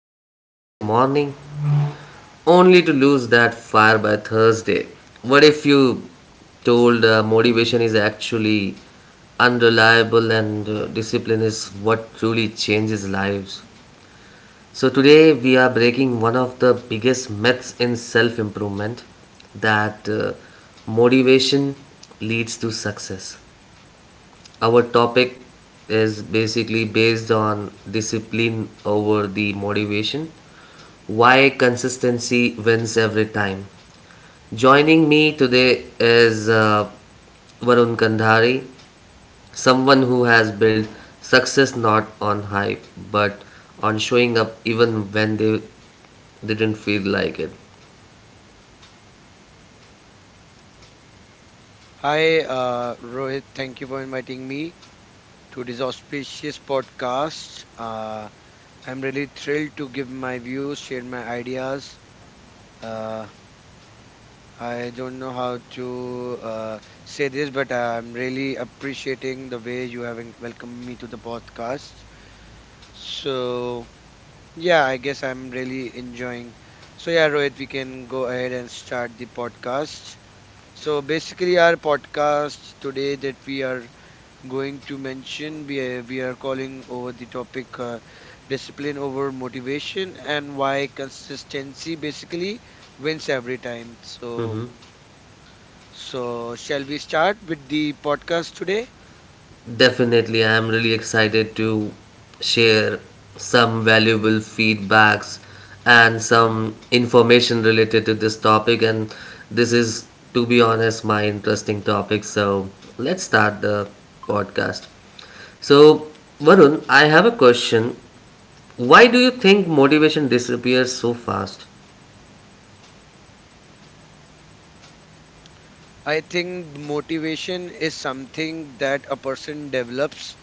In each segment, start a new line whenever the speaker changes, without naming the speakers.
on a Monday morning only to lose that fire by Thursday? What if you told motivation is actually unreliable and discipline is what truly changes lives? So, today we are breaking one of the biggest myths in self improvement that motivation leads to success. Our topic is basically based on discipline over the motivation. Why consistency wins every time. Joining me today is Varun Kandhari, someone who has built success not on hype but on showing up even when they didn't feel like it.
Hi, Rohit. Thank you for inviting me to this auspicious podcast. I'm really thrilled to give my views, share my ideas. Uh, I don't know how to say this, but I'm really appreciating the way you have welcomed me to the podcast. So, yeah, I guess I'm really enjoying. So, yeah, Rohit, we can go ahead and start the podcast. So, basically, our podcast today that we are going to mention. We are calling over the topic discipline over motivation and why consistency basically wins every time. So,
Mhm.
so shall we start with the podcast today?
Definitely, I am really excited to share some valuable feedbacks and some information related to this topic. And this is, to be honest, my interesting topic. So let's start the podcast. So, Varun, I have a question. Why do you think motivation disappears so fast?
I think motivation is something that a person develops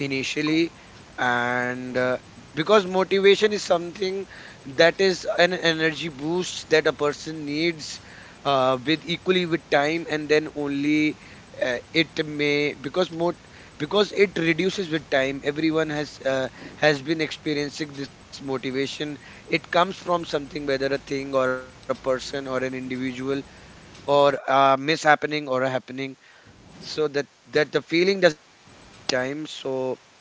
initially, and because motivation is something that is an energy boost that a person needs with equally with time, and then only it may because mot because it reduces with time. Everyone has been experiencing this motivation. It comes from something, whether a thing or a person or an individual or a mishappening or a happening so that the feeling doesn't remain same with time, so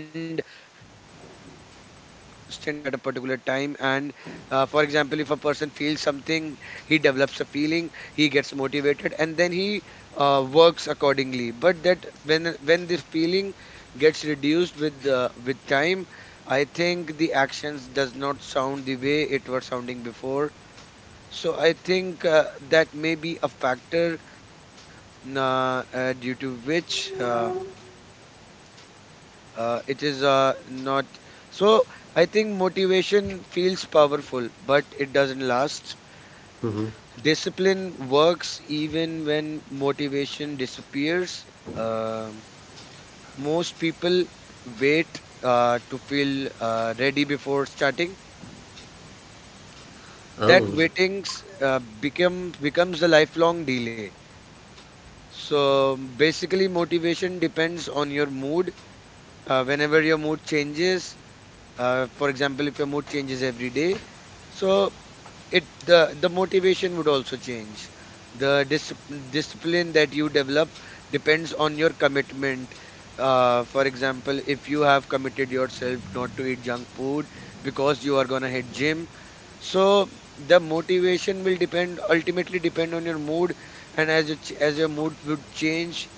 and the feeling is not constant at a particular time, and for example, if a person feels something, he develops a feeling, he gets motivated, and then he works accordingly. But that, when this feeling gets reduced with time, I think the actions does not sound the way it were sounding before. So I think that may be a factor due to which it is not. So I think motivation feels powerful, but it doesn't last. Discipline works even when motivation disappears. Um Most people wait to feel ready before starting. That
Oh,
waiting becomes a lifelong delay. So basically, motivation depends on your mood. Whenever your mood changes, for example, if your mood changes every day, so it the motivation would also change. The discipline that you develop depends on your commitment. For example, if you have committed yourself not to eat junk food because you are gonna hit gym, so the motivation will depend ultimately depend on your mood, and as as your mood would change,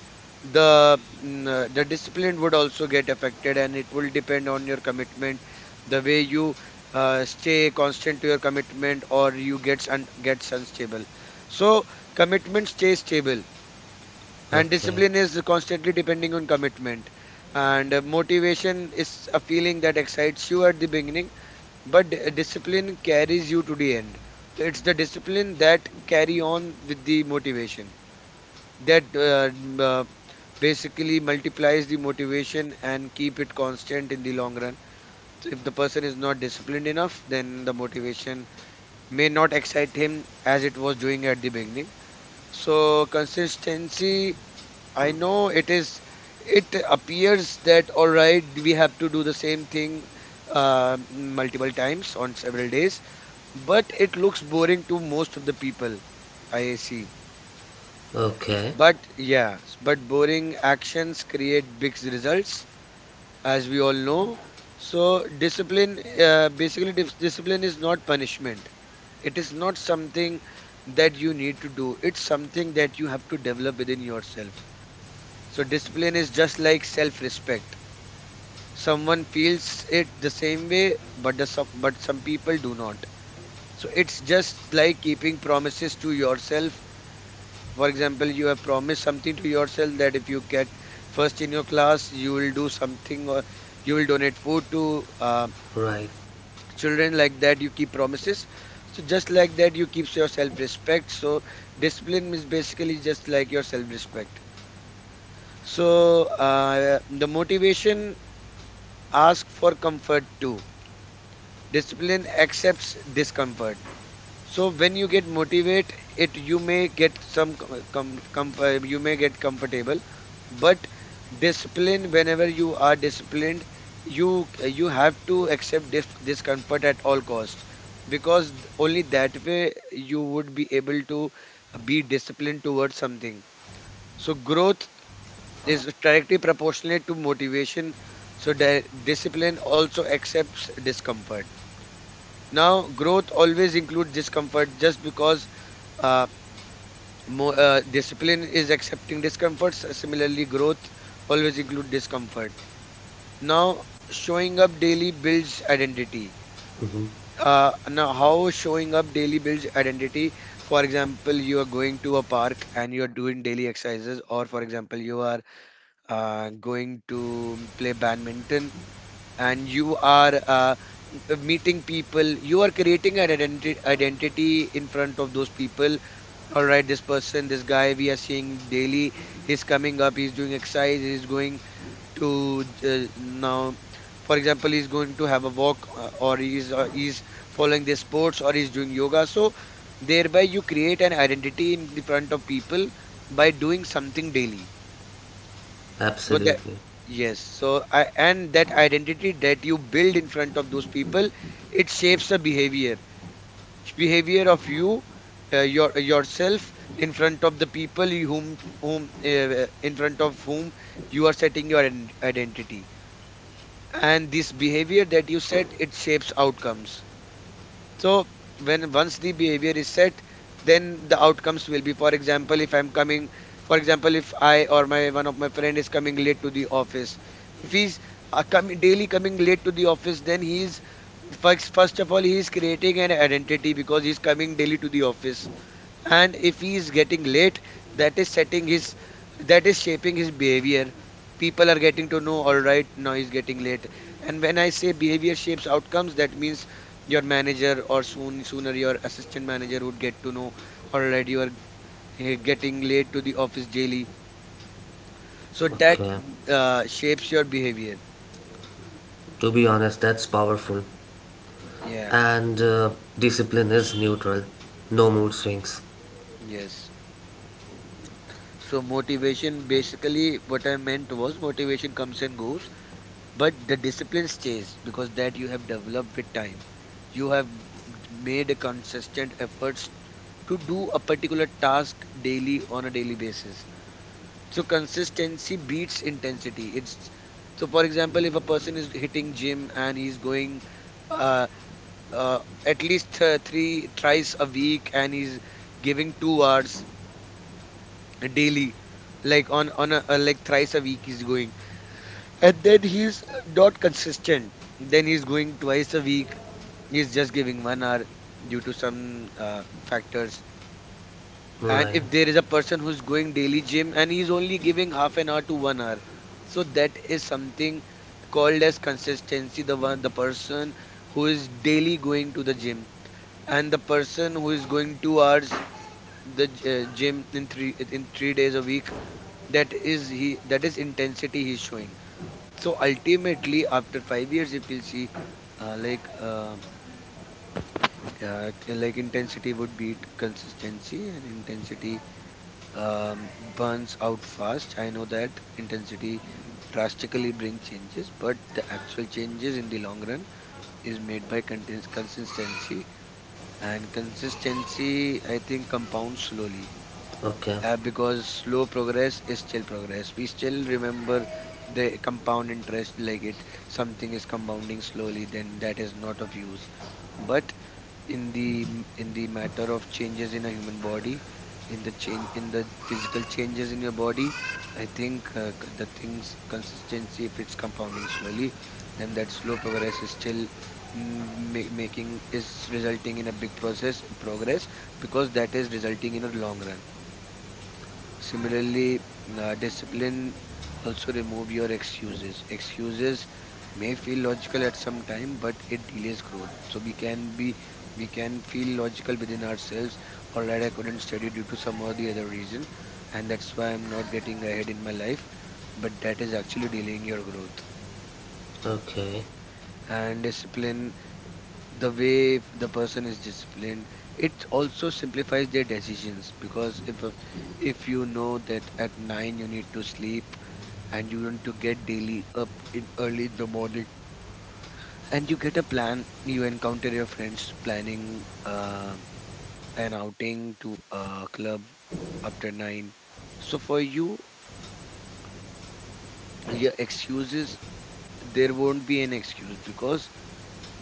the the discipline would also get affected, and it will depend on your commitment, the way you stay constant to your commitment or you gets unstable. So commitment stays stable, and
okay.
discipline is constantly depending on commitment. And motivation is a feeling that excites you at the beginning, but discipline carries you to the end. So it's the discipline that carry on with the motivation, that uh, basically multiplies the motivation and keep it constant in the long run. So if the person is not disciplined enough, then the motivation may not excite him as it was doing at the beginning. So consistency, I know it is, it appears that all right, we have to do the same thing multiple times on several days, but it looks boring to most of the people, I see.
Okay.
But yes, but boring actions create big results, as we all know. So discipline, basically, discipline is not punishment. It is not something that you need to do. It's something that you have to develop within yourself. So discipline is just like self-respect. Someone feels it the same way, but the some but some people do not. So it's just like keeping promises to yourself. For example, you have promised something to yourself that if you get first in your class, you will do something, or you will donate food to
Right.
children like that. You keep promises. So just like that, you keep your self-respect. So discipline is basically just like your self-respect. So the motivation asks for comfort too. Discipline accepts discomfort. So when you get motivate it, you may get some com- com- comf- you may get comfortable. But discipline, whenever you are disciplined, you have to accept discomfort at all cost, because only that way you would be able to be disciplined towards something. So growth is directly proportionate to motivation. So discipline also accepts discomfort. Now growth always includes discomfort, just because uh, discipline is accepting discomforts. Similarly, growth always include discomfort. Now, showing up daily builds identity. Now, how showing up daily builds identity? For example, you are going to a park and you are doing daily exercises, or for example, you are going to play badminton, and you are meeting people. You are creating an identity in front of those people. All right, this person, this guy we are seeing daily, he's coming up, he's doing exercise, he's going to, now for example, he's going to have a walk, or he's following their sports, or he's doing yoga. So thereby you create an identity in the front of people by doing something daily. Because that,
Absolutely.
yes, so I, and that identity that you build in front of those people, it shapes the behavior of you, yourself in front of the people you whom whom in front of whom you are setting your identity. And this behavior that you set, it shapes outcomes. So when once the behavior is set, then the outcomes will be. For example, if I'm coming, for example, if I or my one of my friend is coming late to the office, if he's coming daily, coming late to the office, then he's first of all, he is creating an identity because he's coming daily to the office. And if he is getting late, that is setting his, that is shaping his behavior. People are getting to know, all right, now he's getting late. And when I say behavior shapes outcomes, that means your manager, or sooner your assistant manager would get to know, all right, you are getting late to the office daily, so that
Okay.
shapes your behavior.
To be honest, that's powerful.
Yeah.
And discipline is neutral, no mood
Hmm.
swings.
Yes, so motivation, basically what I meant was motivation comes and goes, but the discipline stays, because that you have developed with time. You have made a consistent efforts to do a particular task daily on a daily basis. So consistency beats intensity. It's, so for example, if a person is hitting gym and he's going uh, uh, at least three tries a week, and he's giving 2 hours daily, like on a, like thrice a week he's going, and then he's not consistent. Then he's going twice a week. He's just giving 1 hour due to some factors. And
Right.
if there is a person who's going daily gym, and he's only giving half an hour to 1 hour, so that is something called as consistency. The one, the person who is daily going to the gym, and the person who is going 2 hours the gym in 3 days a week, that is he, that is intensity he's showing. So ultimately after 5 years, if you see, uh, like um like intensity would beat consistency. And intensity, burns out fast. I know that intensity drastically bring changes, but the actual changes in the long run is made by consistency. And consistency, I think, compounds slowly,
Okay.
because slow progress is still progress. We still remember the compound interest, like it, something is compounding slowly, then that is not of use. But in the in the matter of changes in a human body, in the change in the physical changes in your body, I think the things consistency, if it's compounding slowly, then that slow progress is still making, is resulting in a big process progress, because that is resulting in a long run. Similarly, discipline also remove your excuses. Excuses may feel logical at some time, but it delays growth. So we can be, we can feel logical within ourselves. All right, I couldn't study due to some or the other reason, and that's why I'm not getting ahead in my life. But that is actually delaying your growth.
Okay.
And discipline, the way if the person is disciplined, it also simplifies their decisions because if you know that at nine you need to sleep and you want to get daily up in early in the morning and you get a plan you encounter your friends planning an outing to a club after 9. So for you, your excuses, there won't be an excuse because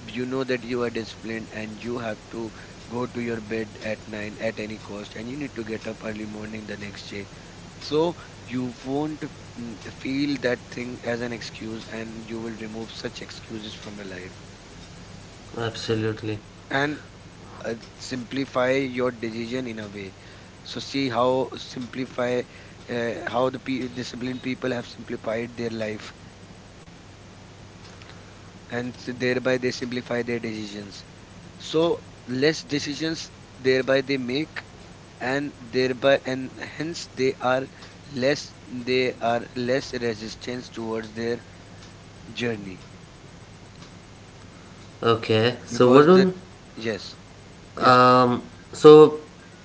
you know that you are disciplined and you have to go to your bed at 9 at any cost and you need to get up early morning the next day. So you won't feel that thing as an excuse and you will remove such excuses from your life
Absolutely.
and simplify your decision in a way. So see how simplify how the disciplined people have simplified their life and thereby they simplify their decisions. So less decisions thereby they make, and thereby and hence they are less, they are less resistance towards their journey
Okay. So
because the
Varun,
yes, yes.
um, so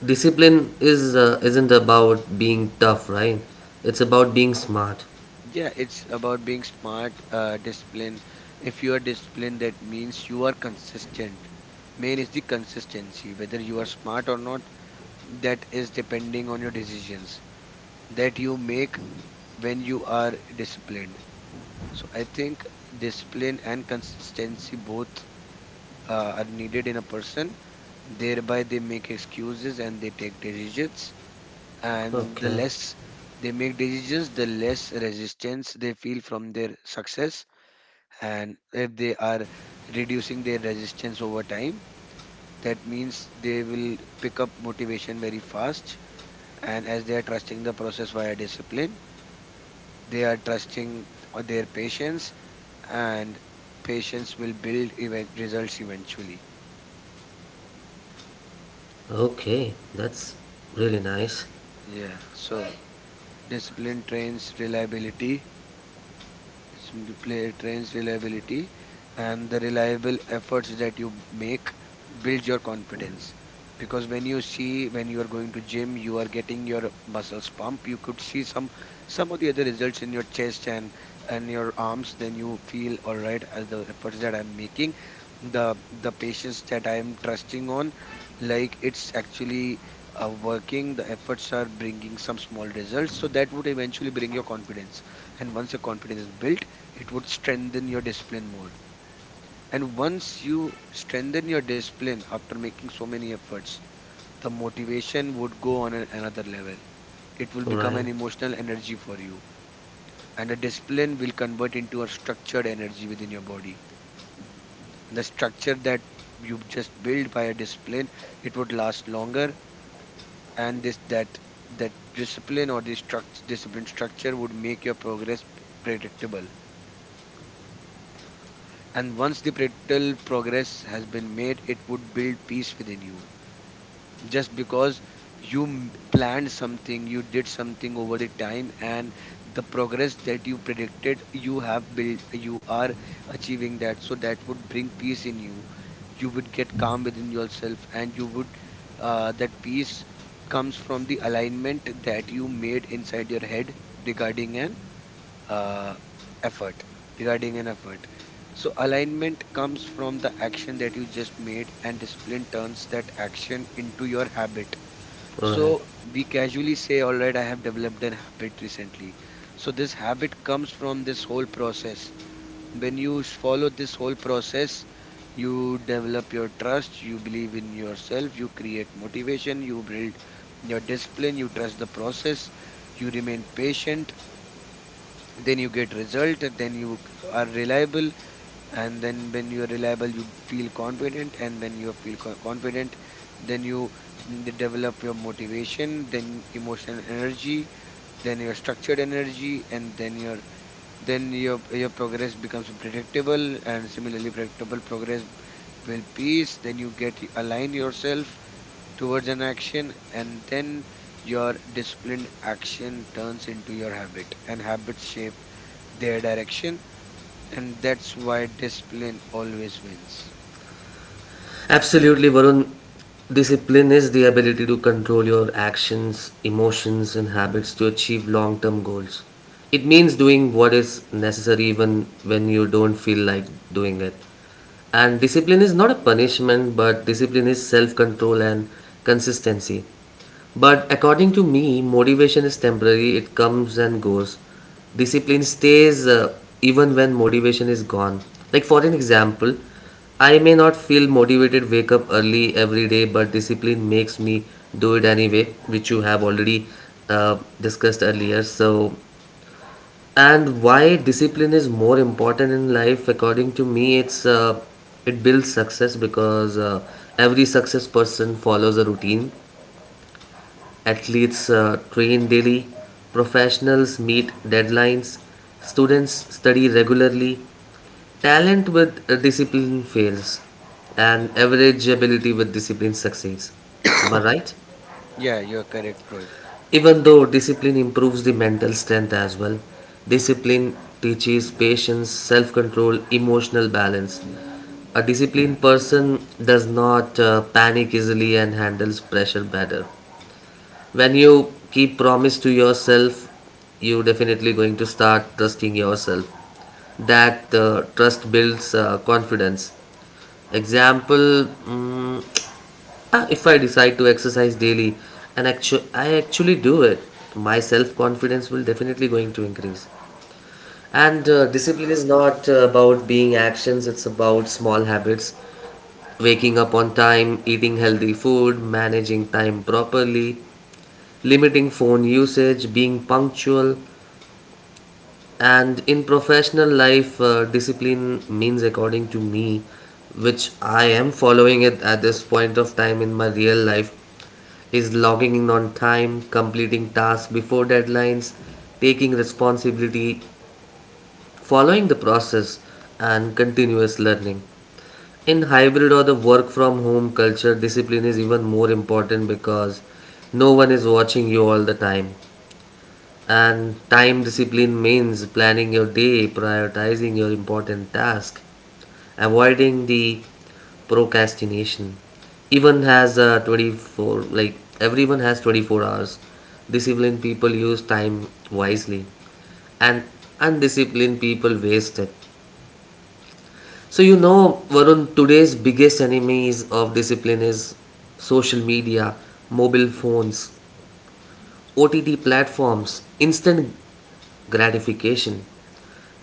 discipline is isn't about being tough, right? It's about being smart.
Yeah, it's about being smart, disciplined. If you are disciplined, that means you are consistent. Main is the consistency. Whether you are smart or not, that is depending on your decisions that you make when you are disciplined. So I think discipline and consistency both are needed in a person. Thereby, they make excuses and they take decisions. And the
Okay.
less they make decisions, the less resistance they feel from their success. And if they are reducing their resistance over time, that means they will pick up motivation very fast. And as they are trusting the process via discipline, they are trusting their patience, and patience will build event results eventually.
Okay. That's really nice.
Yeah, so discipline trains reliability. It's in play trains reliability, and the reliable efforts that you make builds your confidence because when you see when you are going to gym you are getting your muscles pump, you could see some of the other results in your chest and your arms, then you feel all right as the efforts that I'm making, the patience that I am trusting on, like it's actually working. The efforts are bringing some small results, so that would eventually bring your confidence. And once your confidence is built, it would strengthen your discipline more. And once you strengthen your discipline after making so many efforts, the motivation would go on another level. It will become
Right.
an emotional energy for you. And the discipline will convert into a structured energy within your body. And the structure that you just build by a discipline, it would last longer. And this that that discipline or this struct discipline structure would make your progress predictable. And once the practical progress has been made, it would build peace within you. Just because you planned something, you did something over the time, and the progress that you predicted, you have built, you are achieving that. So that would bring peace in you. You would get calm within yourself, and you would, that peace comes from the alignment that you made inside your head regarding an uh, effort, regarding an effort. So alignment comes from the action that you just made, and discipline turns that action into your habit.
Right.
So we casually say all right, I have developed an habit recently. So this habit comes from this whole process. When you follow this whole process, you develop your trust, you believe in yourself, you create motivation, you build your discipline, you trust the process, you remain patient, then you get result, then you are reliable. And then when you are reliable, you feel confident. And when you feel confident, then you develop your motivation, then emotional energy, then your structured energy, and then your progress becomes predictable. And similarly, predictable progress will peace, then you get align yourself towards an action, and then your disciplined action turns into your habit, and habits shape their direction. And that's why discipline always wins.
Absolutely, Varun. Discipline is the ability to control your actions, emotions, and habits to achieve long term goals. It means doing what is necessary even when you don't feel like doing it. And discipline is not a punishment, but discipline is self control and consistency. But according to me, motivation is temporary, it comes and goes. Discipline stays even when motivation is gone. Like, for an example, I may not feel motivated, wake up early every day, but discipline makes me do it anyway, which you have already discussed earlier. So, and why discipline is more important in life according to me it's it builds success because every success person follows a routine, athletes train daily, professionals meet deadlines, students study regularly, talent with discipline fails and average ability with discipline succeeds, am I right?
Yeah, you're correct, Rohit.
Even though discipline improves the mental strength as well, discipline teaches patience, self control, emotional balance. A disciplined person does not panic easily and handles pressure better. When you keep promise to yourself, you definitely going to start trusting yourself. That trust builds confidence. Example, if I decide to exercise daily and I actually do it, my self confidence will definitely going to increase. And discipline is not about being actions, it's about small habits. Waking up on time, eating healthy food, managing time properly, limiting phone usage, being punctual, and in professional life, discipline means, according to me, which I am following it at this point of time in my real life, is logging in on time, completing tasks before deadlines, taking responsibility, following the process, and continuous learning. In hybrid or the work from home culture, discipline is even more important because no one is watching you all the time. And time discipline means planning your day, prioritizing your important task, avoiding the procrastination. Even has 24, like everyone has 24 hours. Disciplined people use time wisely and undisciplined people waste it. So you know, Varun, today's biggest enemies of discipline is social media, mobile phones, OTT platforms, instant gratification.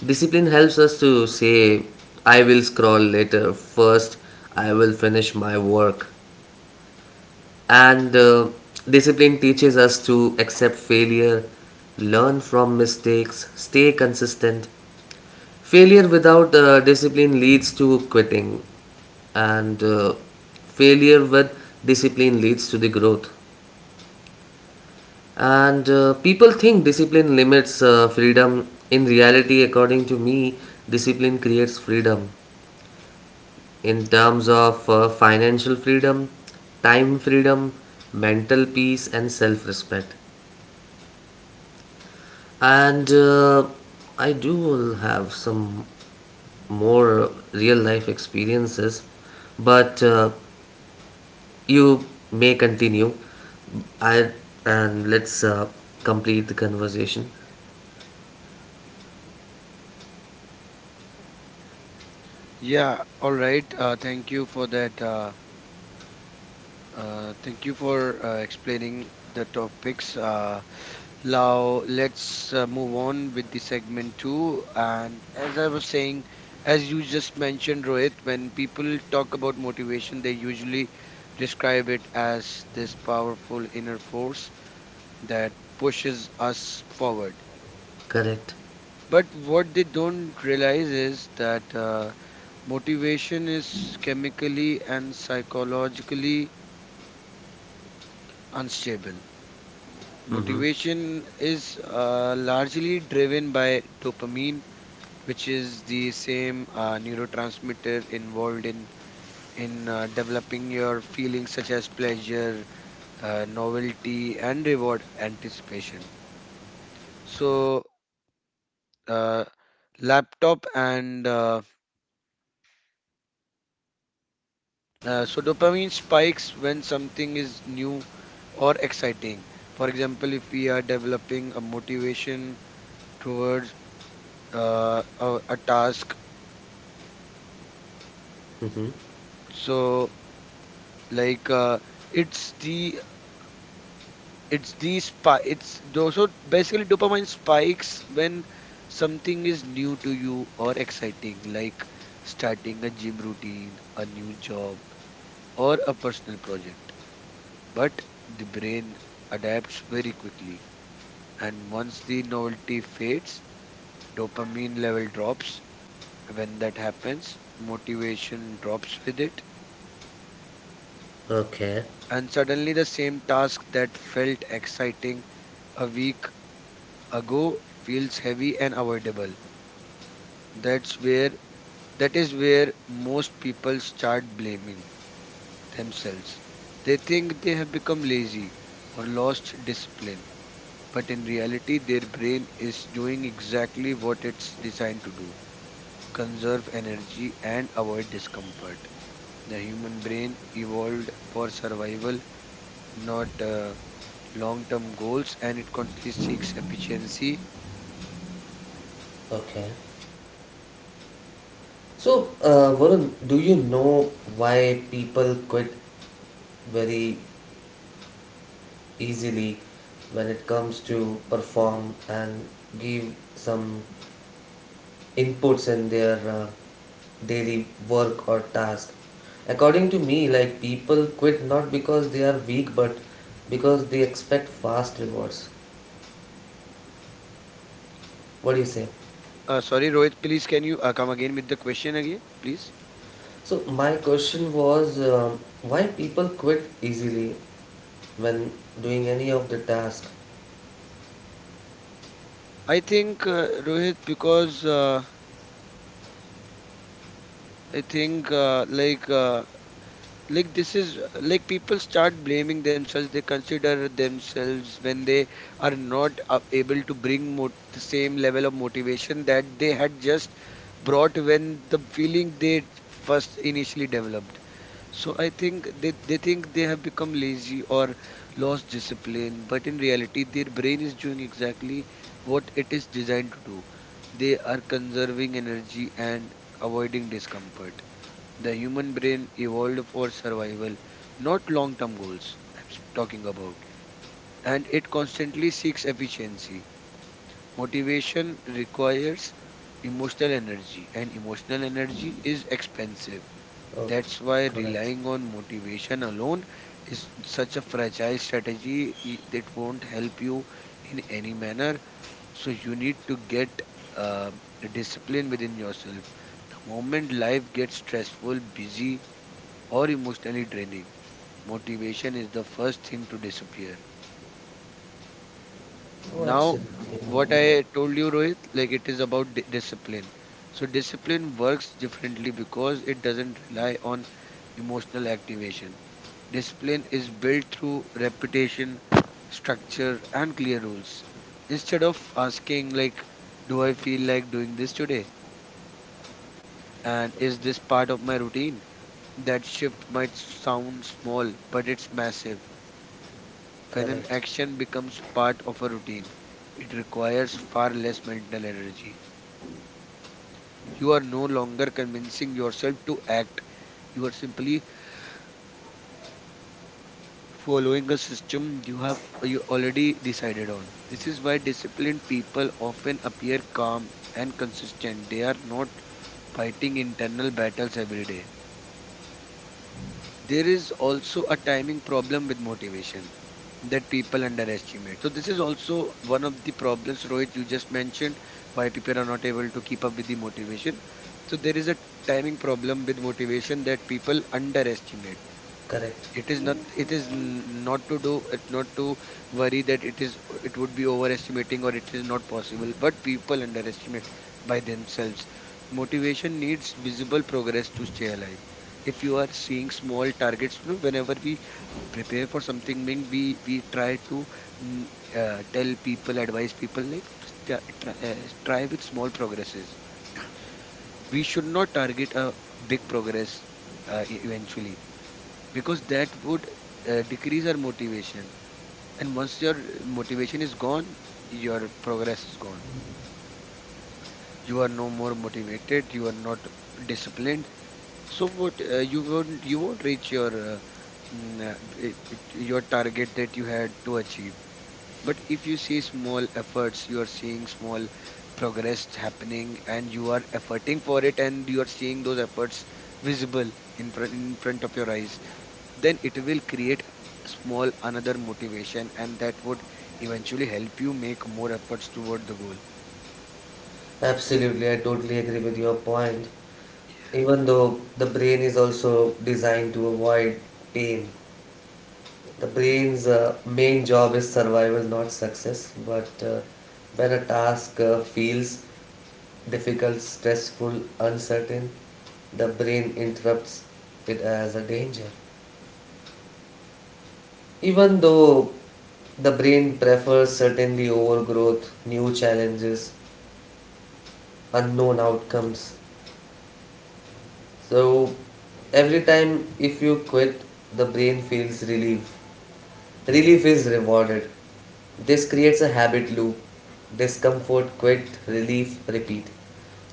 Discipline helps us to say, I will scroll later, first, I will finish my work. And discipline teaches us to accept failure, learn from mistakes, stay consistent. Failure without discipline leads to quitting, and failure with discipline leads to the growth. And people think discipline limits freedom. In reality, according to me, discipline creates freedom in terms of financial freedom, time freedom, mental peace, and self respect. And I do have some more real life experiences, but you may continue. I and let's complete the conversation.
Yeah, all right, thank you for that, thank you for explaining the topics. Now let's move on with the segment two. And as I was saying, as you just mentioned, Rohit, when people talk about motivation, they usually describe it as this powerful inner force that pushes us forward.
Correct.
But what they don't realize is that motivation is chemically and psychologically unstable.
Mm-hmm.
Motivation is largely driven by dopamine, which is the same neurotransmitter involved in developing your feelings such as pleasure, novelty, and reward anticipation. So, uh, laptop and so dopamine spikes when something is new or exciting. For example, if we are developing a motivation towards a task,
Mm-hmm.
so like it's the it's these spi- it's those so basically dopamine spikes when something is new to you or exciting, like starting a gym routine, a new job, or a personal project. But the brain adapts very quickly, and once the novelty fades, dopamine level drops. When that happens, motivation drops with it.
Okay.
And suddenly the same task that felt exciting a week ago feels heavy and avoidable. That's where that is where most people start blaming themselves. They think they have become lazy or lost discipline, but in reality their brain is doing exactly what it's designed to do: conserve energy and avoid discomfort. The human brain evolved for survival, not long-term goals, and it constantly seeks efficiency.
Okay. So, Varun, do you know why people quit very easily when it comes to perform and give some inputs in their daily work or task? According to me, like people quit not because they are weak, but because they expect fast rewards. What do you say?
Sorry Rohit, please can you come again with the question again, please?
So my question was why people quit easily when doing any of the task.
I think Rohit because I think like this is like people start blaming themselves. They consider themselves when they are not able to bring the same level of motivation that they had just brought when the feeling they first initially developed. So I think they think they have become lazy or lost discipline, but in reality, their brain is doing exactly what it is designed to do. They are conserving energy and avoiding discomfort. The human brain evolved for survival, not long term goals, I'm talking about. And it constantly seeks efficiency. Motivation requires emotional energy, and emotional energy is expensive.
Oh,
That's why
correct.
relying on motivation alone is such a fragile strategy. It won't help you in any manner. So you need to get uh, discipline within yourself. The moment life gets stressful, busy, or emotionally draining, motivation is the first thing to disappear.
Oh,
Now, what I
absolutely.
told you, Rohit, like it is about discipline. So discipline works differently because it doesn't rely on emotional activation. Discipline is built through repetition, structure, and clear rules. Instead of asking, like, do I feel like doing this today? And is this part of my routine? That shift might sound small, but it's massive. When an
Correct.
action becomes part of a routine, it requires far less mental energy. You are no longer convincing yourself to act, you are simply following a system you have you already decided on. This is why disciplined people often appear calm and consistent. They are not fighting internal battles every day. There is also a timing problem with motivation that people underestimate. So this is also one of the problems, Rohit, you just mentioned why people are not able to keep up with the motivation. So there is a timing problem with motivation that people underestimate.
Correct.
It is not, not to do, it not to worry that it is, it would be overestimating or it is not possible, but people underestimate by themselves. Motivation needs visible progress to stay alive. If you are seeing small targets, you know, whenever we prepare for something, mean we try to mm, tell people, advise people, like try, try with small progresses. We should not target a big progress eventually, because that would decrease our motivation. And once your motivation is gone, your progress is gone. You are no more motivated, you are not disciplined. So what, you won't, you won't reach your your target that you had to achieve. But if you see small efforts, you are seeing small progress happening and you are efforting for it, and you are seeing those efforts visible in front of your eyes, then it will create small another motivation, and that would eventually help you make more efforts toward the goal.
Absolutely. I totally agree with your point. Even though the brain is also designed to avoid pain, the brain's main job is survival, not success. But when a task feels difficult, stressful, uncertain, the brain interrupts it as a danger. Even though the brain prefers certainty over growth, new challenges, unknown outcomes. So every time if you quit, the brain feels relief. Relief is rewarded. This creates a habit loop. Discomfort, quit, relief, repeat.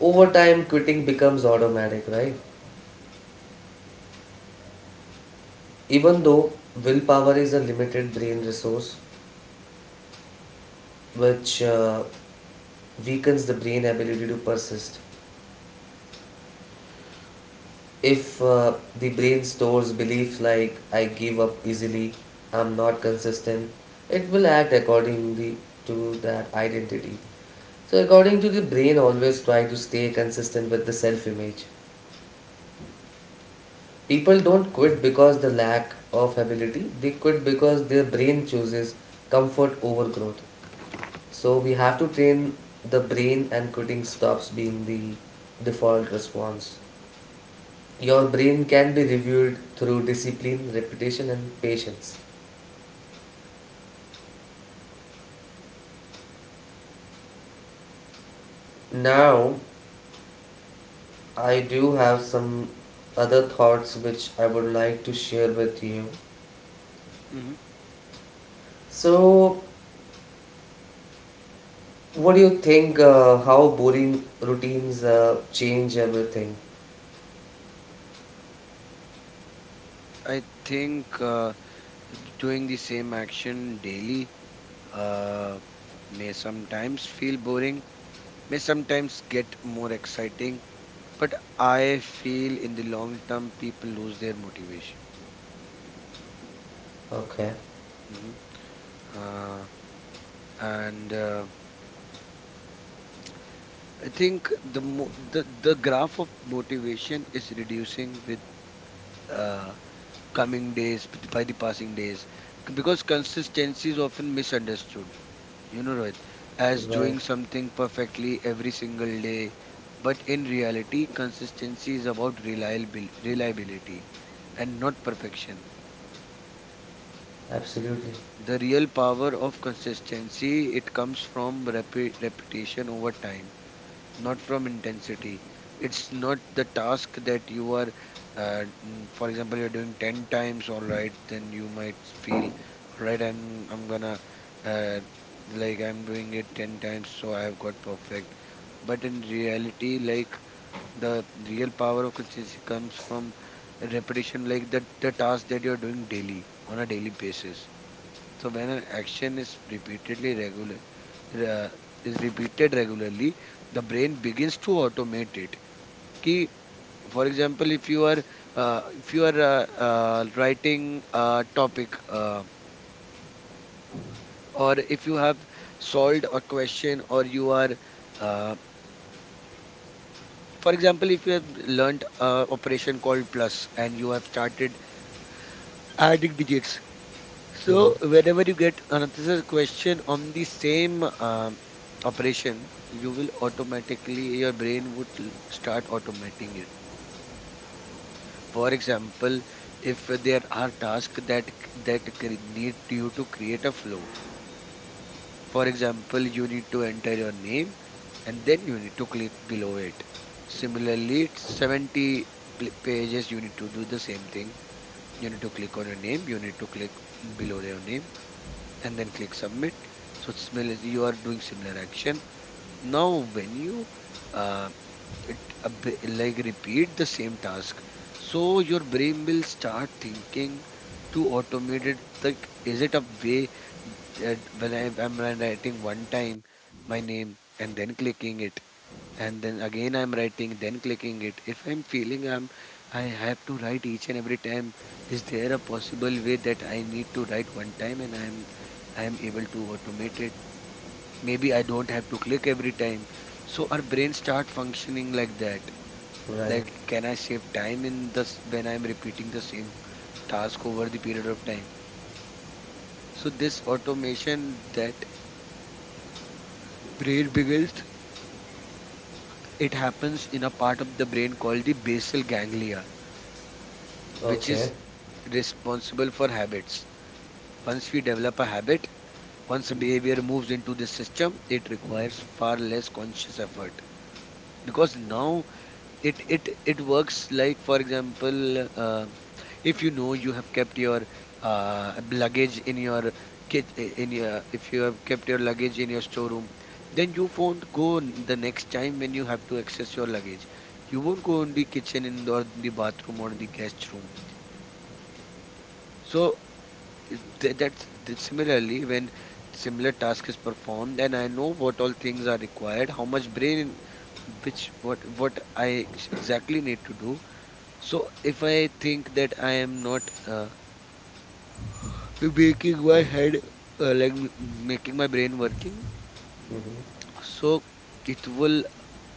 Over time, quitting becomes automatic, right? Even though willpower is a limited brain resource, which weakens the brain ability to persist. If the brain stores belief like I give up easily, I'm not consistent, it will act accordingly to that identity. So, according to the brain, always try to stay consistent with the self image. People don't quit because the lack of ability, they quit because their brain chooses comfort over growth. So we have to train the brain and quitting stops being the default response. Your brain can be reviewed through discipline, repetition and patience. Now I do have some other thoughts which I would like to share with you.
Hmm.
So what do you think how boring routines change everything?
I think doing the same action daily uh, may sometimes feel boring, may sometimes get more exciting, but I feel in the long term people lose their motivation.
Okay.
Hmm. Uh, and I think the, mo- the graph of motivation is reducing with uh, coming days, by the passing days. Because consistency is often misunderstood, you know, Rohit, as
Right.
doing something perfectly every single day. But in reality, consistency is about reliability and not perfection.
Absolutely.
The real power of consistency, it comes from repetition over time, not from intensity. It's not the task that you are, for example, you're doing 10 times, all right, then you might feel all right, I'm gonna uh, like I'm doing it 10 times so I have got perfect. But in reality, like the real power of consistency comes from repetition, like the task that you're doing daily on a daily basis. So when an action is repeatedly regular, uh, is repeated regularly, the brain begins to automate it. Ki, for example, if you are writing a topic, or if you have solved a question, or you are uh, for example, if you have learnt a operation called plus and you have started adding digits,
Mm-hmm.
so whenever you get another question on the same operation, you will automatically your brain would start automating it. For example, if there are tasks that that need you to create a flow. For example, you need to enter your name and then you need to click below it. Similarly, it's 70 pages you need to do the same thing. You need to click on your name, you need to click below your name and then click submit. So you are doing similar action. Now, when you uh, it like repeat the same task, so your brain will start thinking to automate it, like is it a way that I'm writing one time my name and then clicking it and then again I'm writing then clicking it, if I'm feeling I'm I have to write each and every time, is there a possible way that I need to write one time and I am able to automate it, maybe I don't have to click every time. So our brain start functioning like that,
Right.
like can I save time in this when I'm repeating the same task over the period of time? So this automation that brain begins, it happens in a part of the brain called the basal ganglia, which is
Okay.
responsible for habits. Once we develop a habit, once a behavior moves into the system, it requires far less conscious effort because now it works like, for example, if you know you have kept your luggage in your if you have kept your luggage in your storeroom, then you won't the next time when you have to access your luggage, you won't go in the kitchen in or in the bathroom or in the guest room. So it- tha- that's that similarly, when similar task is performed, then I know what all things are required, how much brain, which what I ex- exactly need to do. So if I think that I am not making my head, like making my brain working,
Mm-hmm.
so it will,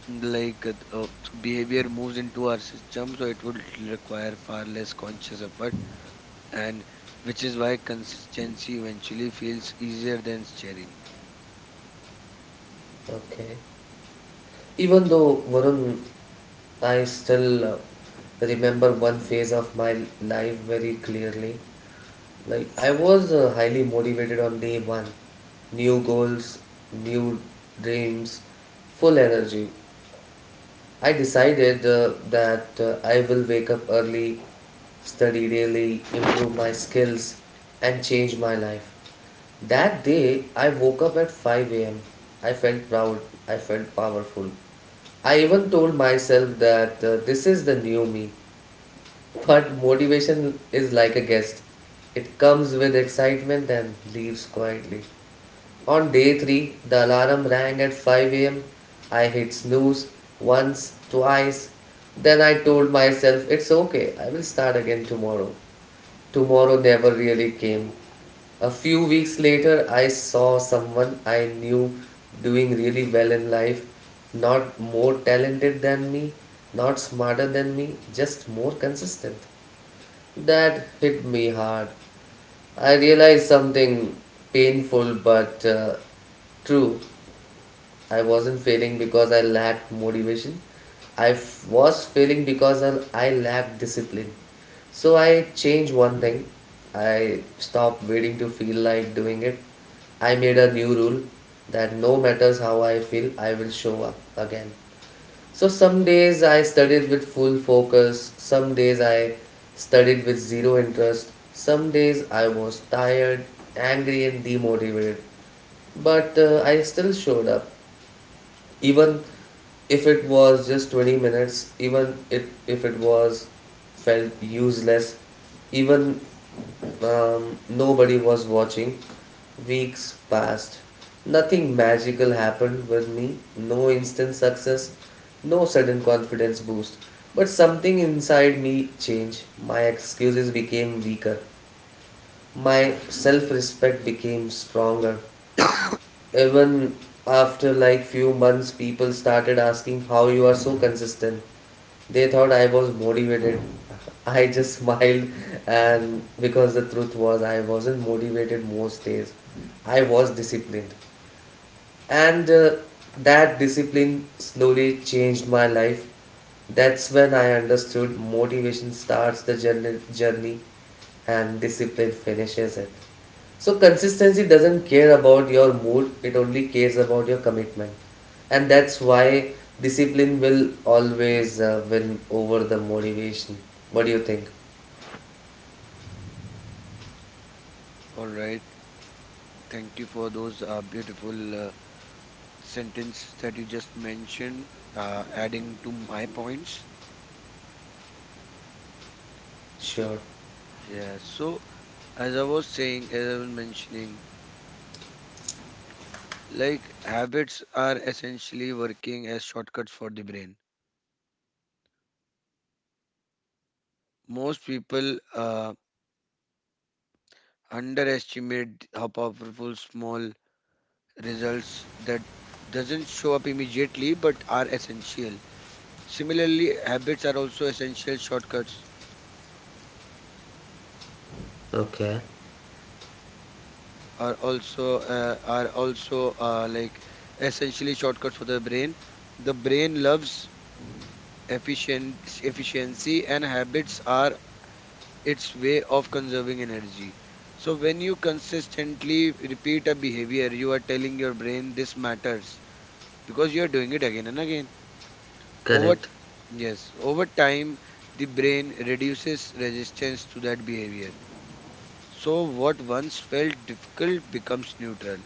like so behavior moves into our system, so it would require far less conscious effort, and which is why consistency eventually feels easier than sharing.
Okay. Even though Varun, I still remember one phase of my life very clearly. Like I was highly motivated on day one, new goals, new dreams, full energy. I decided that I will wake up early, study daily, improve my skills, and change my life. That day, I woke up at 5 am. I felt proud, I felt powerful. I even told myself that this is the new me. But motivation is like a guest. It comes with excitement and leaves quietly. On day 3, the alarm rang at 5 am. I hit snooze once, twice. Then I told myself, it's okay, I will start again tomorrow. Tomorrow never really came. A few weeks later, I saw someone I knew doing really well in life. Not more talented than me, not smarter than me, just more consistent. That hit me hard. I realized something painful but true. I wasn't failing because I lacked motivation. Was failing because I lacked discipline. So I changed one thing. I stopped waiting to feel like doing it. I made a new rule that no matters how I feel, I will show up again. So some days I studied with full focus, some days I studied with zero interest, some days I was tired, angry, and demotivated. But I still showed up, even if it was just 20 minutes, if it was felt useless, even nobody was watching. Weeks passed. Nothing magical happened with me. No instant success. No sudden confidence boost. But something inside me changed. My excuses became weaker. My self respect became stronger. Even after like few months, people started asking how you are so consistent. They thought I was motivated. I just smiled, and because the truth was, I wasn't motivated most days. I was disciplined. And that discipline slowly changed my life. That's when I understood motivation starts the journey and discipline finishes it. So consistency doesn't care about your mood, it only cares about your commitment. And that's why discipline will always win over the motivation. What do you think?
All right, thank you for those beautiful sentences that you just mentioned, adding to my points.
Sure.
Yeah, so. As I was saying, as I was mentioning, like habits are essentially working as shortcuts for the brain. Most people underestimate how powerful small results that doesn't show up immediately but are essential. Similarly, habits are also essential shortcuts
Okay,
are also like essentially shortcuts for the brain. The brain loves efficient efficiency, and habits are its way of conserving energy. So when you consistently repeat a behavior, you are telling your brain this matters because you are doing it again and again. Over
correct.
yes, Over time, the brain reduces resistance to that behavior. So what once felt difficult becomes neutral,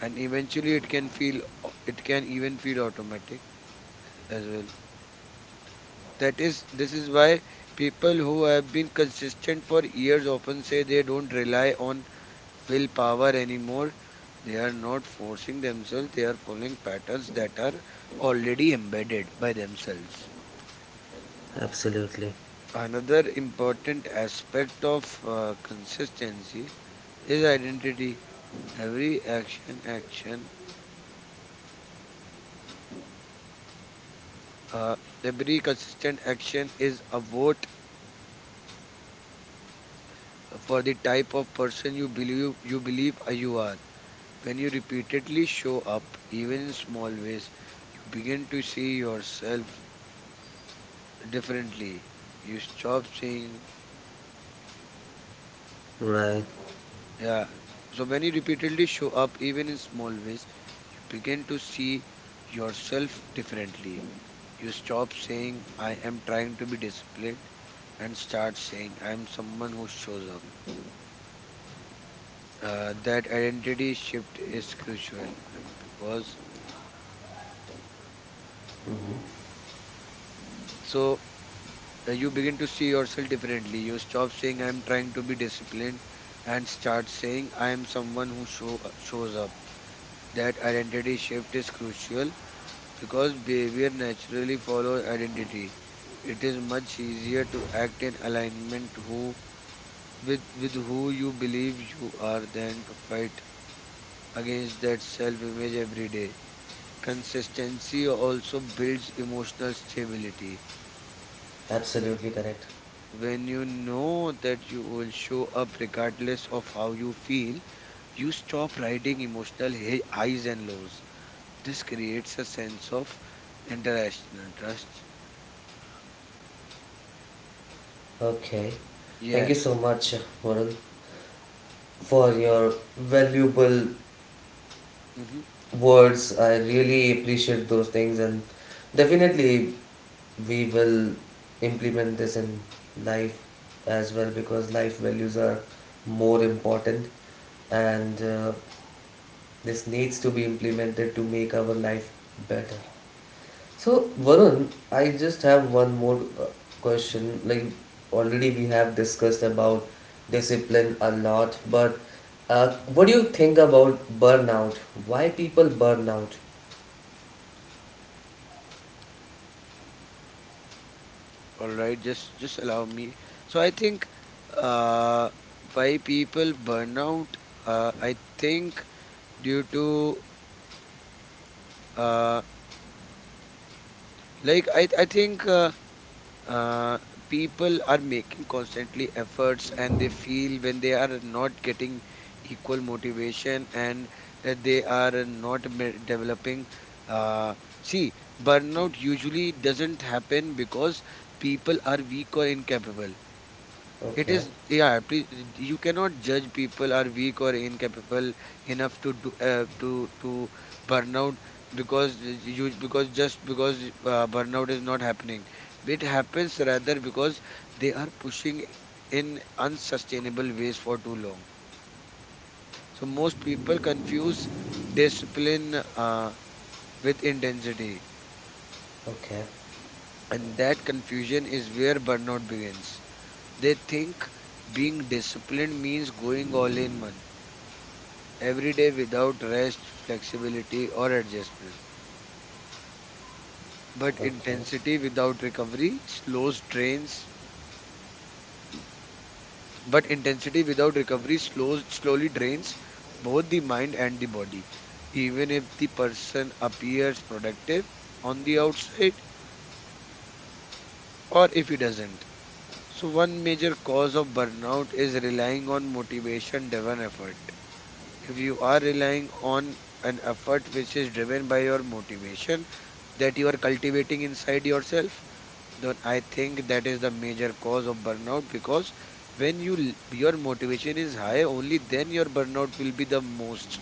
and eventually, it can even feel automatic as well. This is why people who have been consistent for years often say they don't rely on willpower anymore. They are not forcing themselves, they are following patterns that are already embedded by themselves.
Absolutely.
Another important aspect of consistency is identity. Every action, action, uh, every consistent action is a vote for the type of person you believe you are. When you repeatedly show up, even in small ways, you begin to see yourself differently. You stop saying,
Right.
yeah. So when you repeatedly show up, even in small ways, you begin to see yourself differently. You stop saying, I am trying to be disciplined, and start saying, I am someone who shows up. That identity shift is crucial because
Mhm.
so you begin to see yourself differently. You stop saying I'm trying to be disciplined and start saying I am someone who shows up. That identity shift is crucial because behavior naturally follows identity. It is much easier to act in alignment who with who you believe you are than to fight against that self image every day. Consistency also builds emotional stability.
Absolutely correct.
When you know that you will show up regardless of how you feel, you stop riding emotional highs and lows. This creates a sense of international trust.
Okay. Thank
Yeah.
you so much, Varun, for your valuable
Mm-hmm.
words. I really appreciate those things, and definitely we will implement this in life as well because life values are more important, and this needs to be implemented to make our life better. So, Varun, I just have one more question. Like, already we have discussed about discipline a lot, but what do you think about burnout? Why people burn out?
All right. Just allow me. So I think, uh, why people burn out. I think due to uh, like I think. Uh, people are making constantly efforts and they feel when they are not getting equal motivation, and they are not developing uh, see, burnout usually doesn't happen because people are weak or incapable, it
Okay.
is, yeah, please, you cannot judge people are weak or incapable enough to do, to burn out, because you because just because burnout is not happening. It happens rather because they are pushing in unsustainable ways for too long. So most people confuse discipline with intensity,
Okay,
and that confusion is where burnout begins. They think being disciplined means going all in one every day without rest, flexibility, or adjustment. But
okay,
intensity without recovery slows drains. But intensity without recovery slows slowly drains both the mind and the body, even if the person appears productive on the outside or if he doesn't. So one major cause of burnout is relying on motivation driven effort. If you are relying on an effort which is driven by your motivation that you are cultivating inside yourself, then I think that is the major cause of burnout, because when you your motivation is high, only then your burnout will be the most,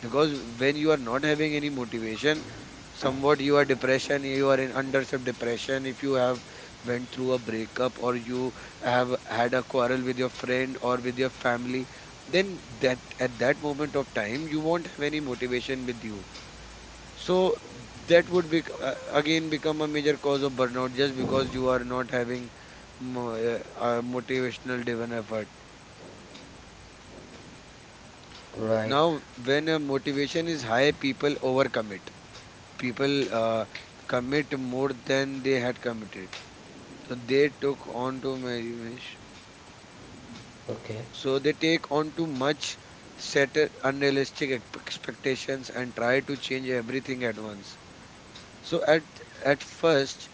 because when you are not having any motivation, somewhat you are depression, you are in under some depression, if you have went through a breakup, or you have had a quarrel with your friend or with your family, then that at that moment of time you won't have any motivation with you. So that would be again become a major cause of burnout just because you are not having mo- uh, a motivational driven effort.
right,
Now when a motivation is high, people overcommit, people commit more than they had committed. So they took on too much.
okay,
So they take on too much, set unrealistic expectations, and try to change everything at once. So at first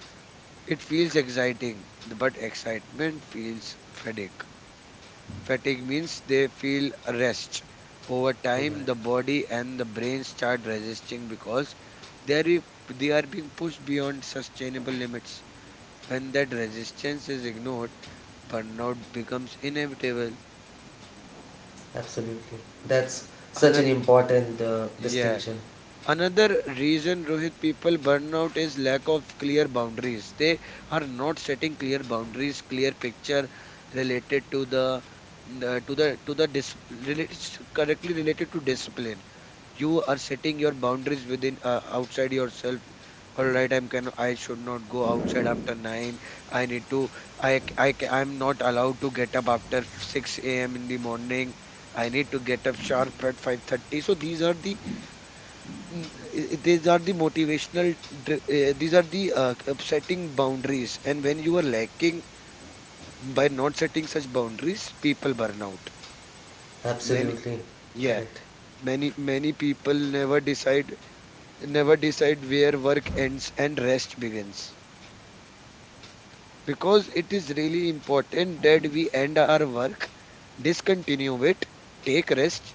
it feels exciting, but excitement feels fatigue. Fatigue means they feel rest. Over time, the
right,
body and the brain start resisting because they are they are being pushed beyond sustainable limits. When that resistance is ignored, burnout becomes inevitable.
absolutely. That's such an
Another,
important
yeah,
distinction.
Another reason, Rohit, people burn out is lack of clear boundaries. They are not setting clear boundaries, clear picture related to the to the related, correctly related to discipline. You are setting your boundaries within outside yourself. All right, I should not go outside after nine. I need to I I'm not allowed to get up after 6 a.m. in the morning. I need to get up sharp at 5:30. So these are the Mm, these are the motivational these are the setting boundaries, and when you are lacking by not setting such boundaries, people burn out. many
Absolutely,
yeah
correct.
Many many people never decide, never decide where work ends and rest begins, because it is really important that we end our work, discontinue it, take rest,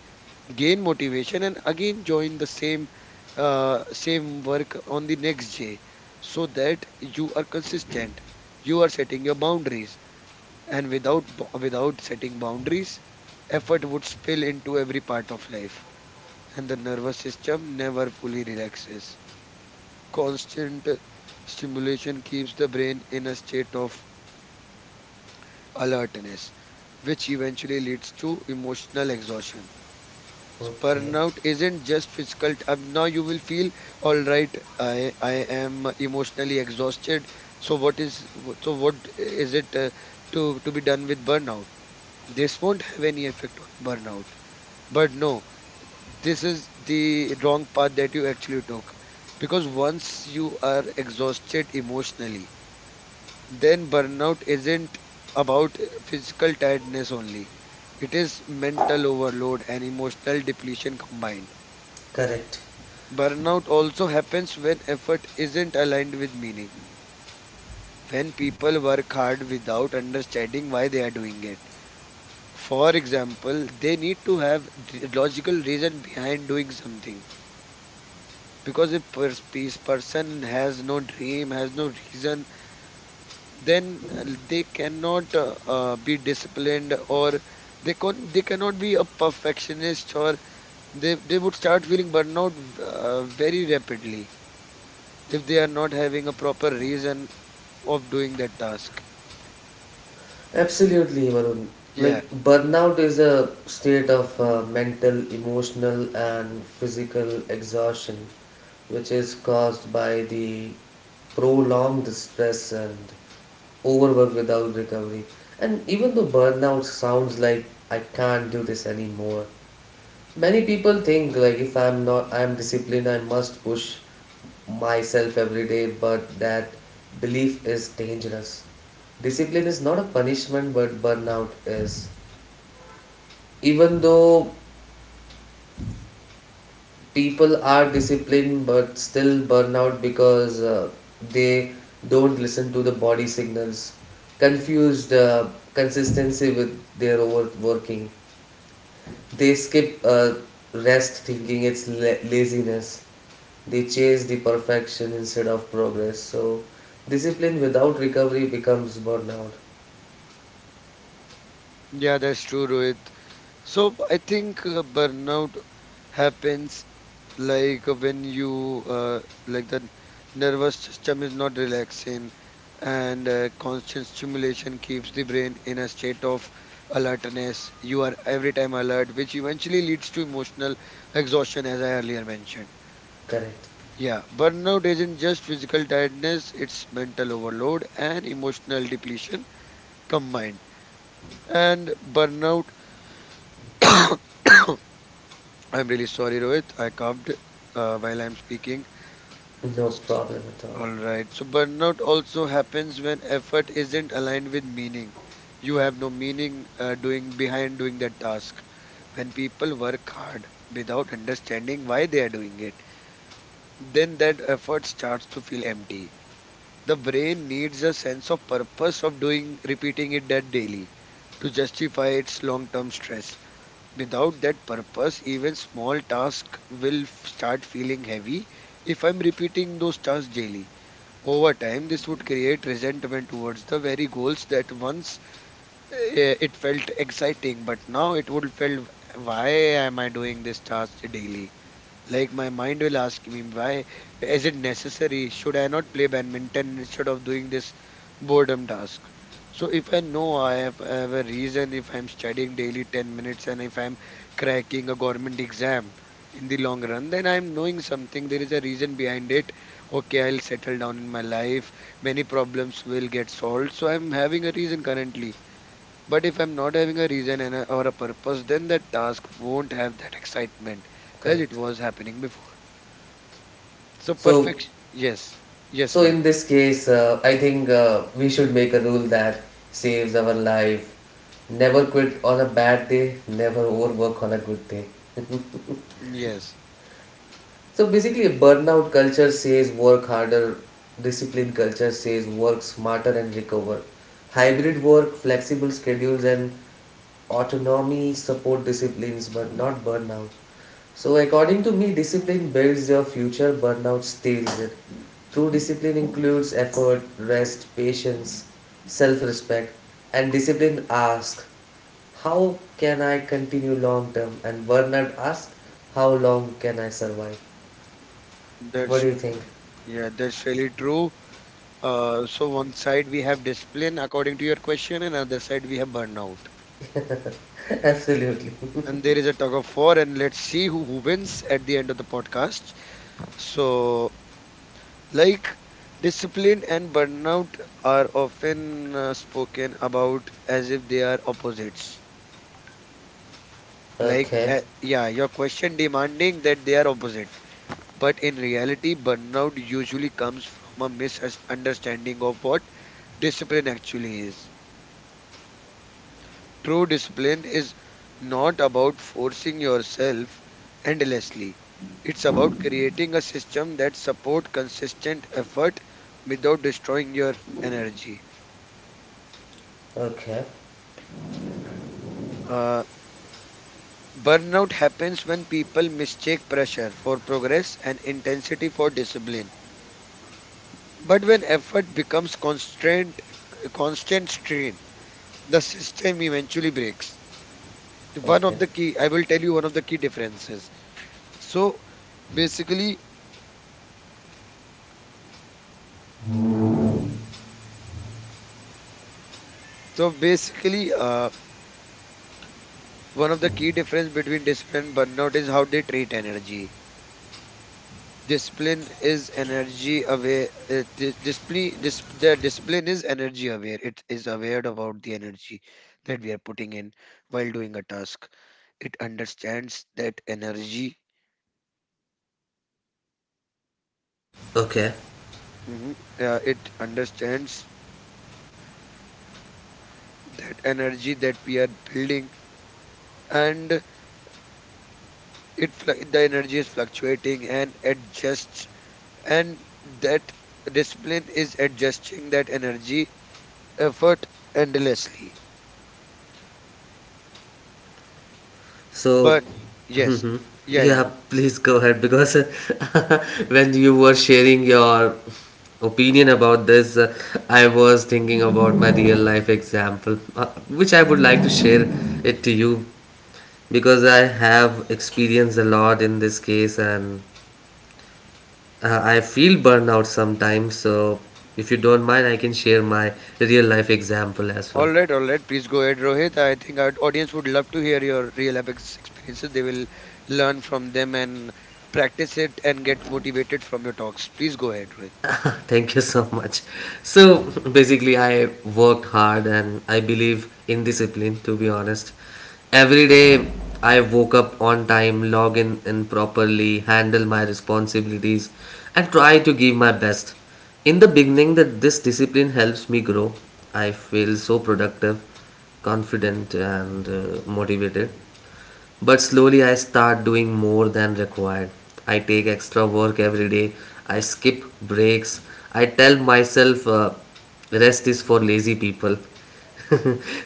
gain motivation, and again join the same same work on the next day, so that you are consistent. You are setting your boundaries, and without setting boundaries, effort would spill into every part of life, and the nervous system never fully relaxes. Constant stimulation keeps the brain in a state of alertness, which eventually leads to emotional exhaustion. So
Okay,
burnout isn't just physical. Now you will feel all right. I am emotionally exhausted. So so what is it to be done with burnout? This won't have any effect on burnout. But no, this is the wrong path that you actually took, because once you are exhausted emotionally, then burnout isn't about physical tiredness only. It is mental overload and emotional depletion combined.
correct.
Burnout also happens when effort isn't aligned with meaning, when people work hard without understanding why they are doing it. For example, they need to have logical reason behind doing something. Because if person has no dream, has no reason, then they cannot be disciplined, or they cannot be a perfectionist, or they would start feeling burnout very rapidly if they are not having a proper reason of doing that task.
Absolutely, Varun.
Yeah,
Like, burnout is a state of mental, emotional, and physical exhaustion, which is caused by the prolonged stress and overwork without recovery. And even though burnout sounds like I can't do this anymore, many people think like if I'm not I'm disciplined I must push myself every day but that belief is dangerous. Discipline is not a punishment but burnout is. Even though people are disciplined but still burnout because they don't listen to the body signals, confused consistency with their overworking. They skip rest thinking it's laziness. They chase the perfection instead of progress. So, discipline without recovery becomes burnout.
yeah, that's true, Rohit. So I think burnout happens, like when you like the nervous system is not relaxing, and constant stimulation keeps the brain in a state of alertness. You are every time alert, which eventually leads to emotional exhaustion, as I earlier mentioned.
Correct.
Yeah, burnout isn't just physical tiredness, it's mental overload and emotional depletion combined. And burnout I'm really sorry, Rohit, I coughed while I'm speaking.
No problem at all.
All right. So burnout also happens when effort isn't aligned with meaning. You have no meaning doing behind doing that task. When people work hard without understanding why they are doing it, then that effort starts to feel empty. The brain needs a sense of purpose of doing repeating it that daily to justify its long-term stress. Without that purpose, even small tasks will start feeling heavy if I'm repeating those tasks daily. Over time, this would create resentment towards the very goals that once it felt exciting, but now it would feel, why am I doing this task daily? Like, my mind will ask me, why is it necessary? Should I not play badminton instead of doing this boredom task? So if I know I have a reason, if I'm studying daily 10 minutes and if I'm cracking a government exam in the long run, then I'm knowing something. There is a reason behind it. Okay, I'll settle down in my life. Many problems will get solved. So I'm having a reason currently. But if I'm not having a reason and a, or a purpose, then that task won't have that excitement as it
Correct.
was happening before. So
So,
perfection, yes, yes,
so,
Rohit,
in this case, I think we should make a rule that saves our life. Never quit on a bad day. Never overwork on a good day.
yes,
So basically, a burnout culture says work harder. Discipline culture says work smarter and recover.
hmm,
Hybrid work, flexible schedules, and autonomy support disciplines but not burnout. So according to me, discipline builds your future, burnout steals it. True discipline includes effort, rest, patience, self-respect, and discipline asks, how can I continue long term? And burnout asks, how long can I survive? What do
that's
you think?
yeah, that's really true. So one side we have discipline according to your question, and other side we have burnout.
Absolutely.
And there is a tug of war, and let's see who wins at the end of the podcast. So, like, discipline and burnout are often spoken about as if they are opposites. Like,
Okay,
yeah, your question demanding that they are opposite. But in reality, burnout usually comes from a misunderstanding of what discipline actually is. True discipline is not about forcing yourself endlessly. It's about creating a system that support consistent effort without destroying your energy.
okay,
Uh, burnout happens when people mistake pressure for progress and intensity for discipline. But when effort becomes constant, constant strain, the system eventually breaks. One
okay.
of the key, I will tell you one of the key differences. So basically, so basically, one of the key difference between discipline and burnout is how they treat energy. Discipline is energy aware. The discipline is energy aware. It is aware about the energy that we are putting in while doing a task. It understands that energy,
Okay.
hmm. It understands that energy that we are building, and the energy is fluctuating and adjusts, and that discipline is adjusting that energy, effort, endlessly,
So,
but yes,
mhm.
yeah, yeah,
Yeah,
go.
please go ahead, because when you were sharing your opinion about this, I was thinking about my real life example, which I would like to share it to you, because I have experienced a lot in this case, and I feel burnout sometimes. So, if you don't mind, I can share my real life example as well.
All right, all right, please go ahead, Rohit. I think our audience would love to hear your real life experiences. They will learn from them and practice it and get motivated from your talks. Please go ahead, Rohit.
Thank you so much. So basically, I worked hard and I believe in discipline, to be honest. Every day, I woke up on time, log in properly, handle my responsibilities, and try to give my best. In the beginning, that this discipline helps me grow. I feel so productive, confident, and motivated. But slowly I start doing more than required. I take extra work every day. I skip breaks. I tell myself rest is for lazy people.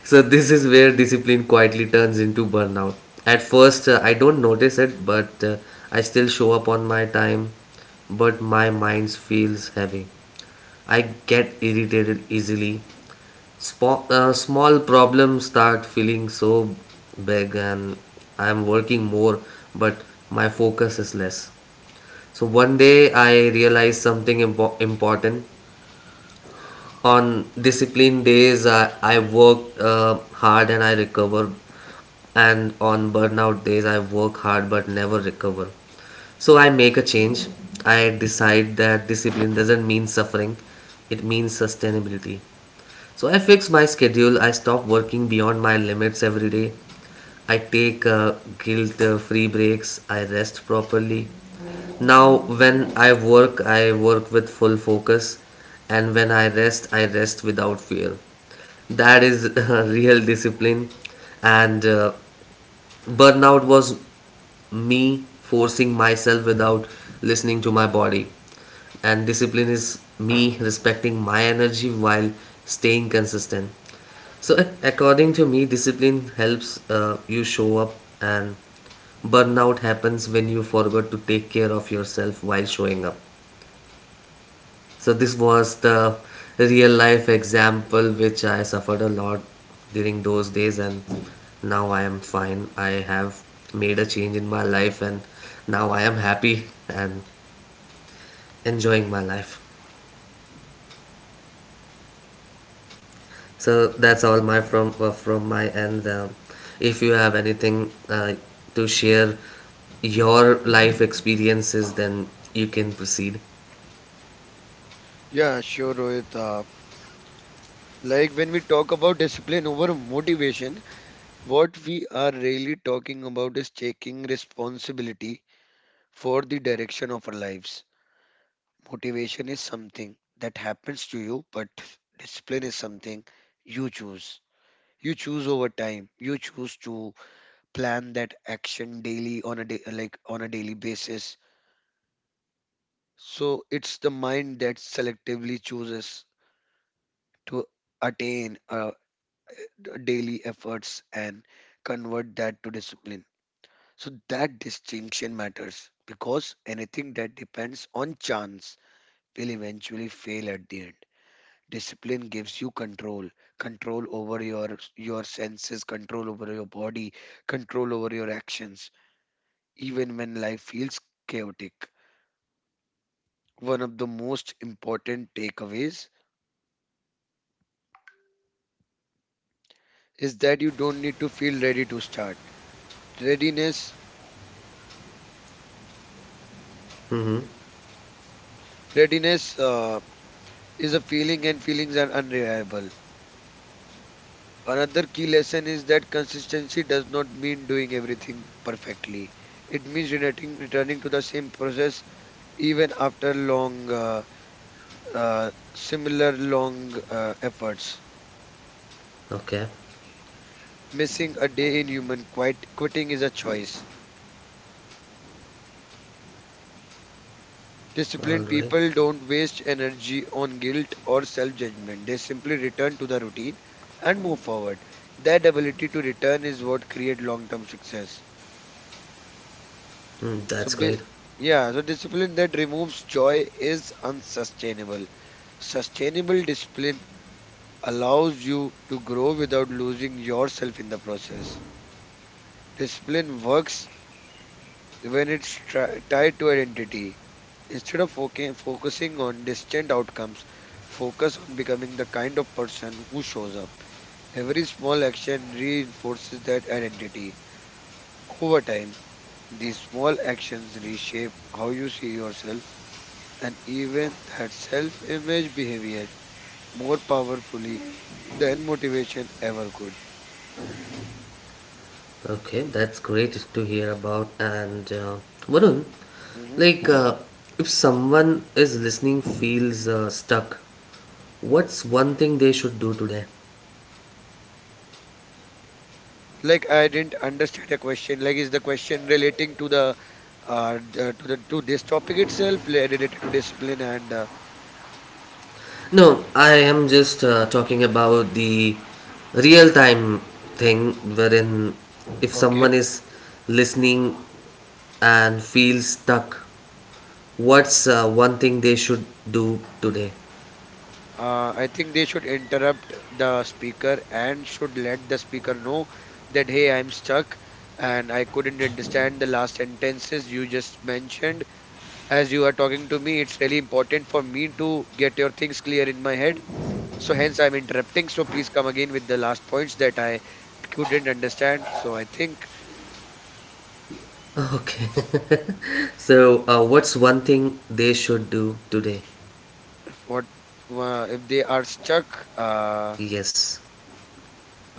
So this is where discipline quietly turns into burnout. At first I don't notice it, but I still show up on my time, but my mind feels heavy. I get irritated easily. Small problems start feeling so big, and I am working more, but my focus is less. So one day I realized something important. On discipline days I worked hard and I recover, and on burnout days I work hard but never recover. So I make a change. I decide that discipline doesn't mean suffering, it means sustainability. So I fix my schedule. I stop working beyond my limits every day. I take guilt free breaks. I rest properly. Now, when I work with full focus. And when I rest without fear. That is real discipline. And burnout was me forcing myself without listening to my body, and discipline is me respecting my energy while staying consistent. So, according to me, discipline helps you show up, and burnout happens when you forgot to take care of yourself while showing up. So, this was the real life example which I suffered a lot during those days, and now I am fine. I have made a change in my life, and now I am happy and enjoying my life. So that's all my from my end. If you have anything to share your life experiences, then you can proceed.
Yeah, sure, Rohit. Like, when we talk about discipline over motivation, what we are really talking about is taking responsibility for the direction of our lives. Motivation is something that happens to you, but discipline is something you choose. You choose over time. You choose to plan that action daily on a day, like on a daily basis. So it's the mind that selectively chooses to attain a daily efforts and convert that to discipline. So that distinction matters, because anything that depends on chance will eventually fail at the end. Discipline gives you control, control over your senses, control over your body, control over your actions, even when life feels chaotic. One of the most important takeaways is that you don't need to feel ready to start. Readiness,
Hmm.
readiness. Is a feeling, and feelings are unreliable. Another key lesson is that consistency does not mean doing everything perfectly. It means returning to the same process even after long, similar long efforts.
Okay.
Missing a day in human quite quitting is a choice.
All
Disciplined
right.
people don't waste energy on guilt or self judgment. They simply return to the routine and move forward. That ability to return is what creates long term success.
Mm,
So,
that's
ba-
great.
yeah, so discipline that removes joy is unsustainable. Sustainable discipline allows you to grow without losing yourself in the process. Discipline works when it's tied to identity. Instead of focusing on distant outcomes, focus on becoming the kind of person who shows up. Every small action reinforces that identity. Over time, these small actions reshape how you see yourself, and even that self image behavior more powerfully than motivation ever could.
Okay, that's great to hear about. And Varun,
Mhm.
like, if someone is listening feels stuck, what's one thing they should do today?
Like, I didn't understand a question. Like, is the question relating to the to the to this topic itself, related to discipline and
No, I am just talking about the real time thing, wherein if
okay.
someone is listening and feels stuck, what's one thing they should do today?
I think they should interrupt the speaker and should let the speaker know that hey, I'm stuck and I couldn't understand the last sentences you just mentioned. As you are talking to me, it's really important for me to get your things clear in my head. So hence I'm interrupting. So please come again with the last points that I couldn't understand. So I think
Okay. So, what's one thing they should do today?
what, if they are stuck?
Yes.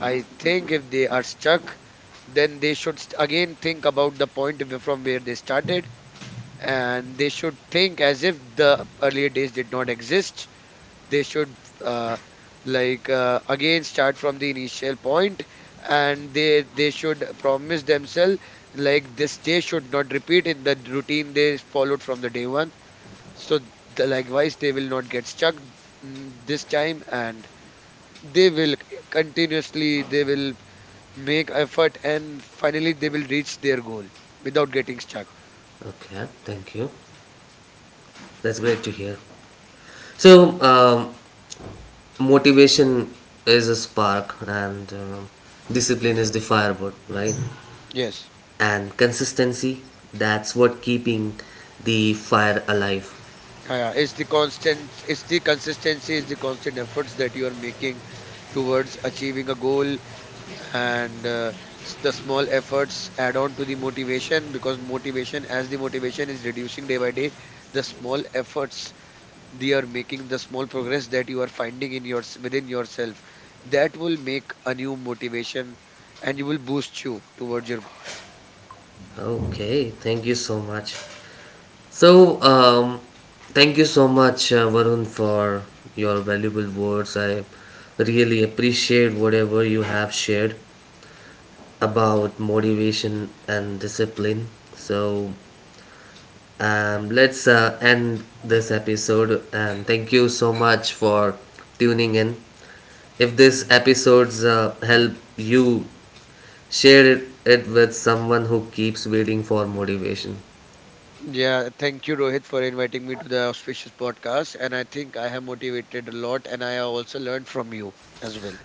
I think if they are stuck, then they should again think about the point from where they started, and they should think as if the earlier days did not exist. They should uh, again start from the initial point, and they should promise themselves like this day should not repeat in the routine they followed from the day one. So, the, likewise they will not get stuck, mm, this time, and they will continuously they will make effort, and finally they will reach their goal without getting stuck.
Okay. Thank you. That's great to hear. So, motivation is a spark, and um, discipline is the firewood, right?
Yes.
And consistency, that's what keeping the fire alive.
Yeah, yeah, it's the constant, it's the consistency, it's the constant efforts that you are making towards achieving a goal, and the small efforts add on to the motivation, because motivation, as the motivation is reducing day by day, the small efforts they are making, the small progress that you are finding in your within yourself, that will make a new motivation, and you will boost you towards your goal.
Okay, thank you so much. So um, thank you so much Varun, for your valuable words. I really appreciate whatever you have shared about motivation and discipline. So let's end this episode, and thank you so much for tuning in. If this episodes help you, share it with someone who keeps waiting for motivation.
Yeah, thank you, Rohit, for inviting me to the auspicious podcast. And I think I have motivated a lot, and I have also learned from you as well.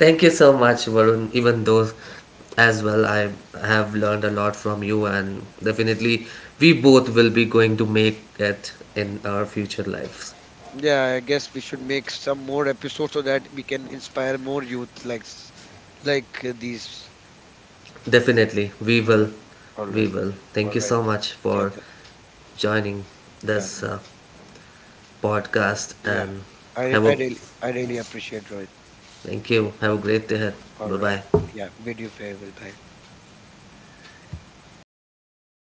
Thank you so much, Varun. Even though, as well, I have learned a lot from you, and definitely, we both will be going to make it in our future lives.
Yeah, I guess we should make some more episodes so that we can inspire more youth like these.
Definitely, we
All
will.
right, all
We
right,
will.
all
Thank you
right.
so much
Yeah,
for
th-
joining
yeah,
this podcast,
yeah.
and
I
have a
I really I really appreciate Rohit.
thank you. Have a great day.
All
Bye
right.
bye.
Yeah. Bid you farewell. Bye.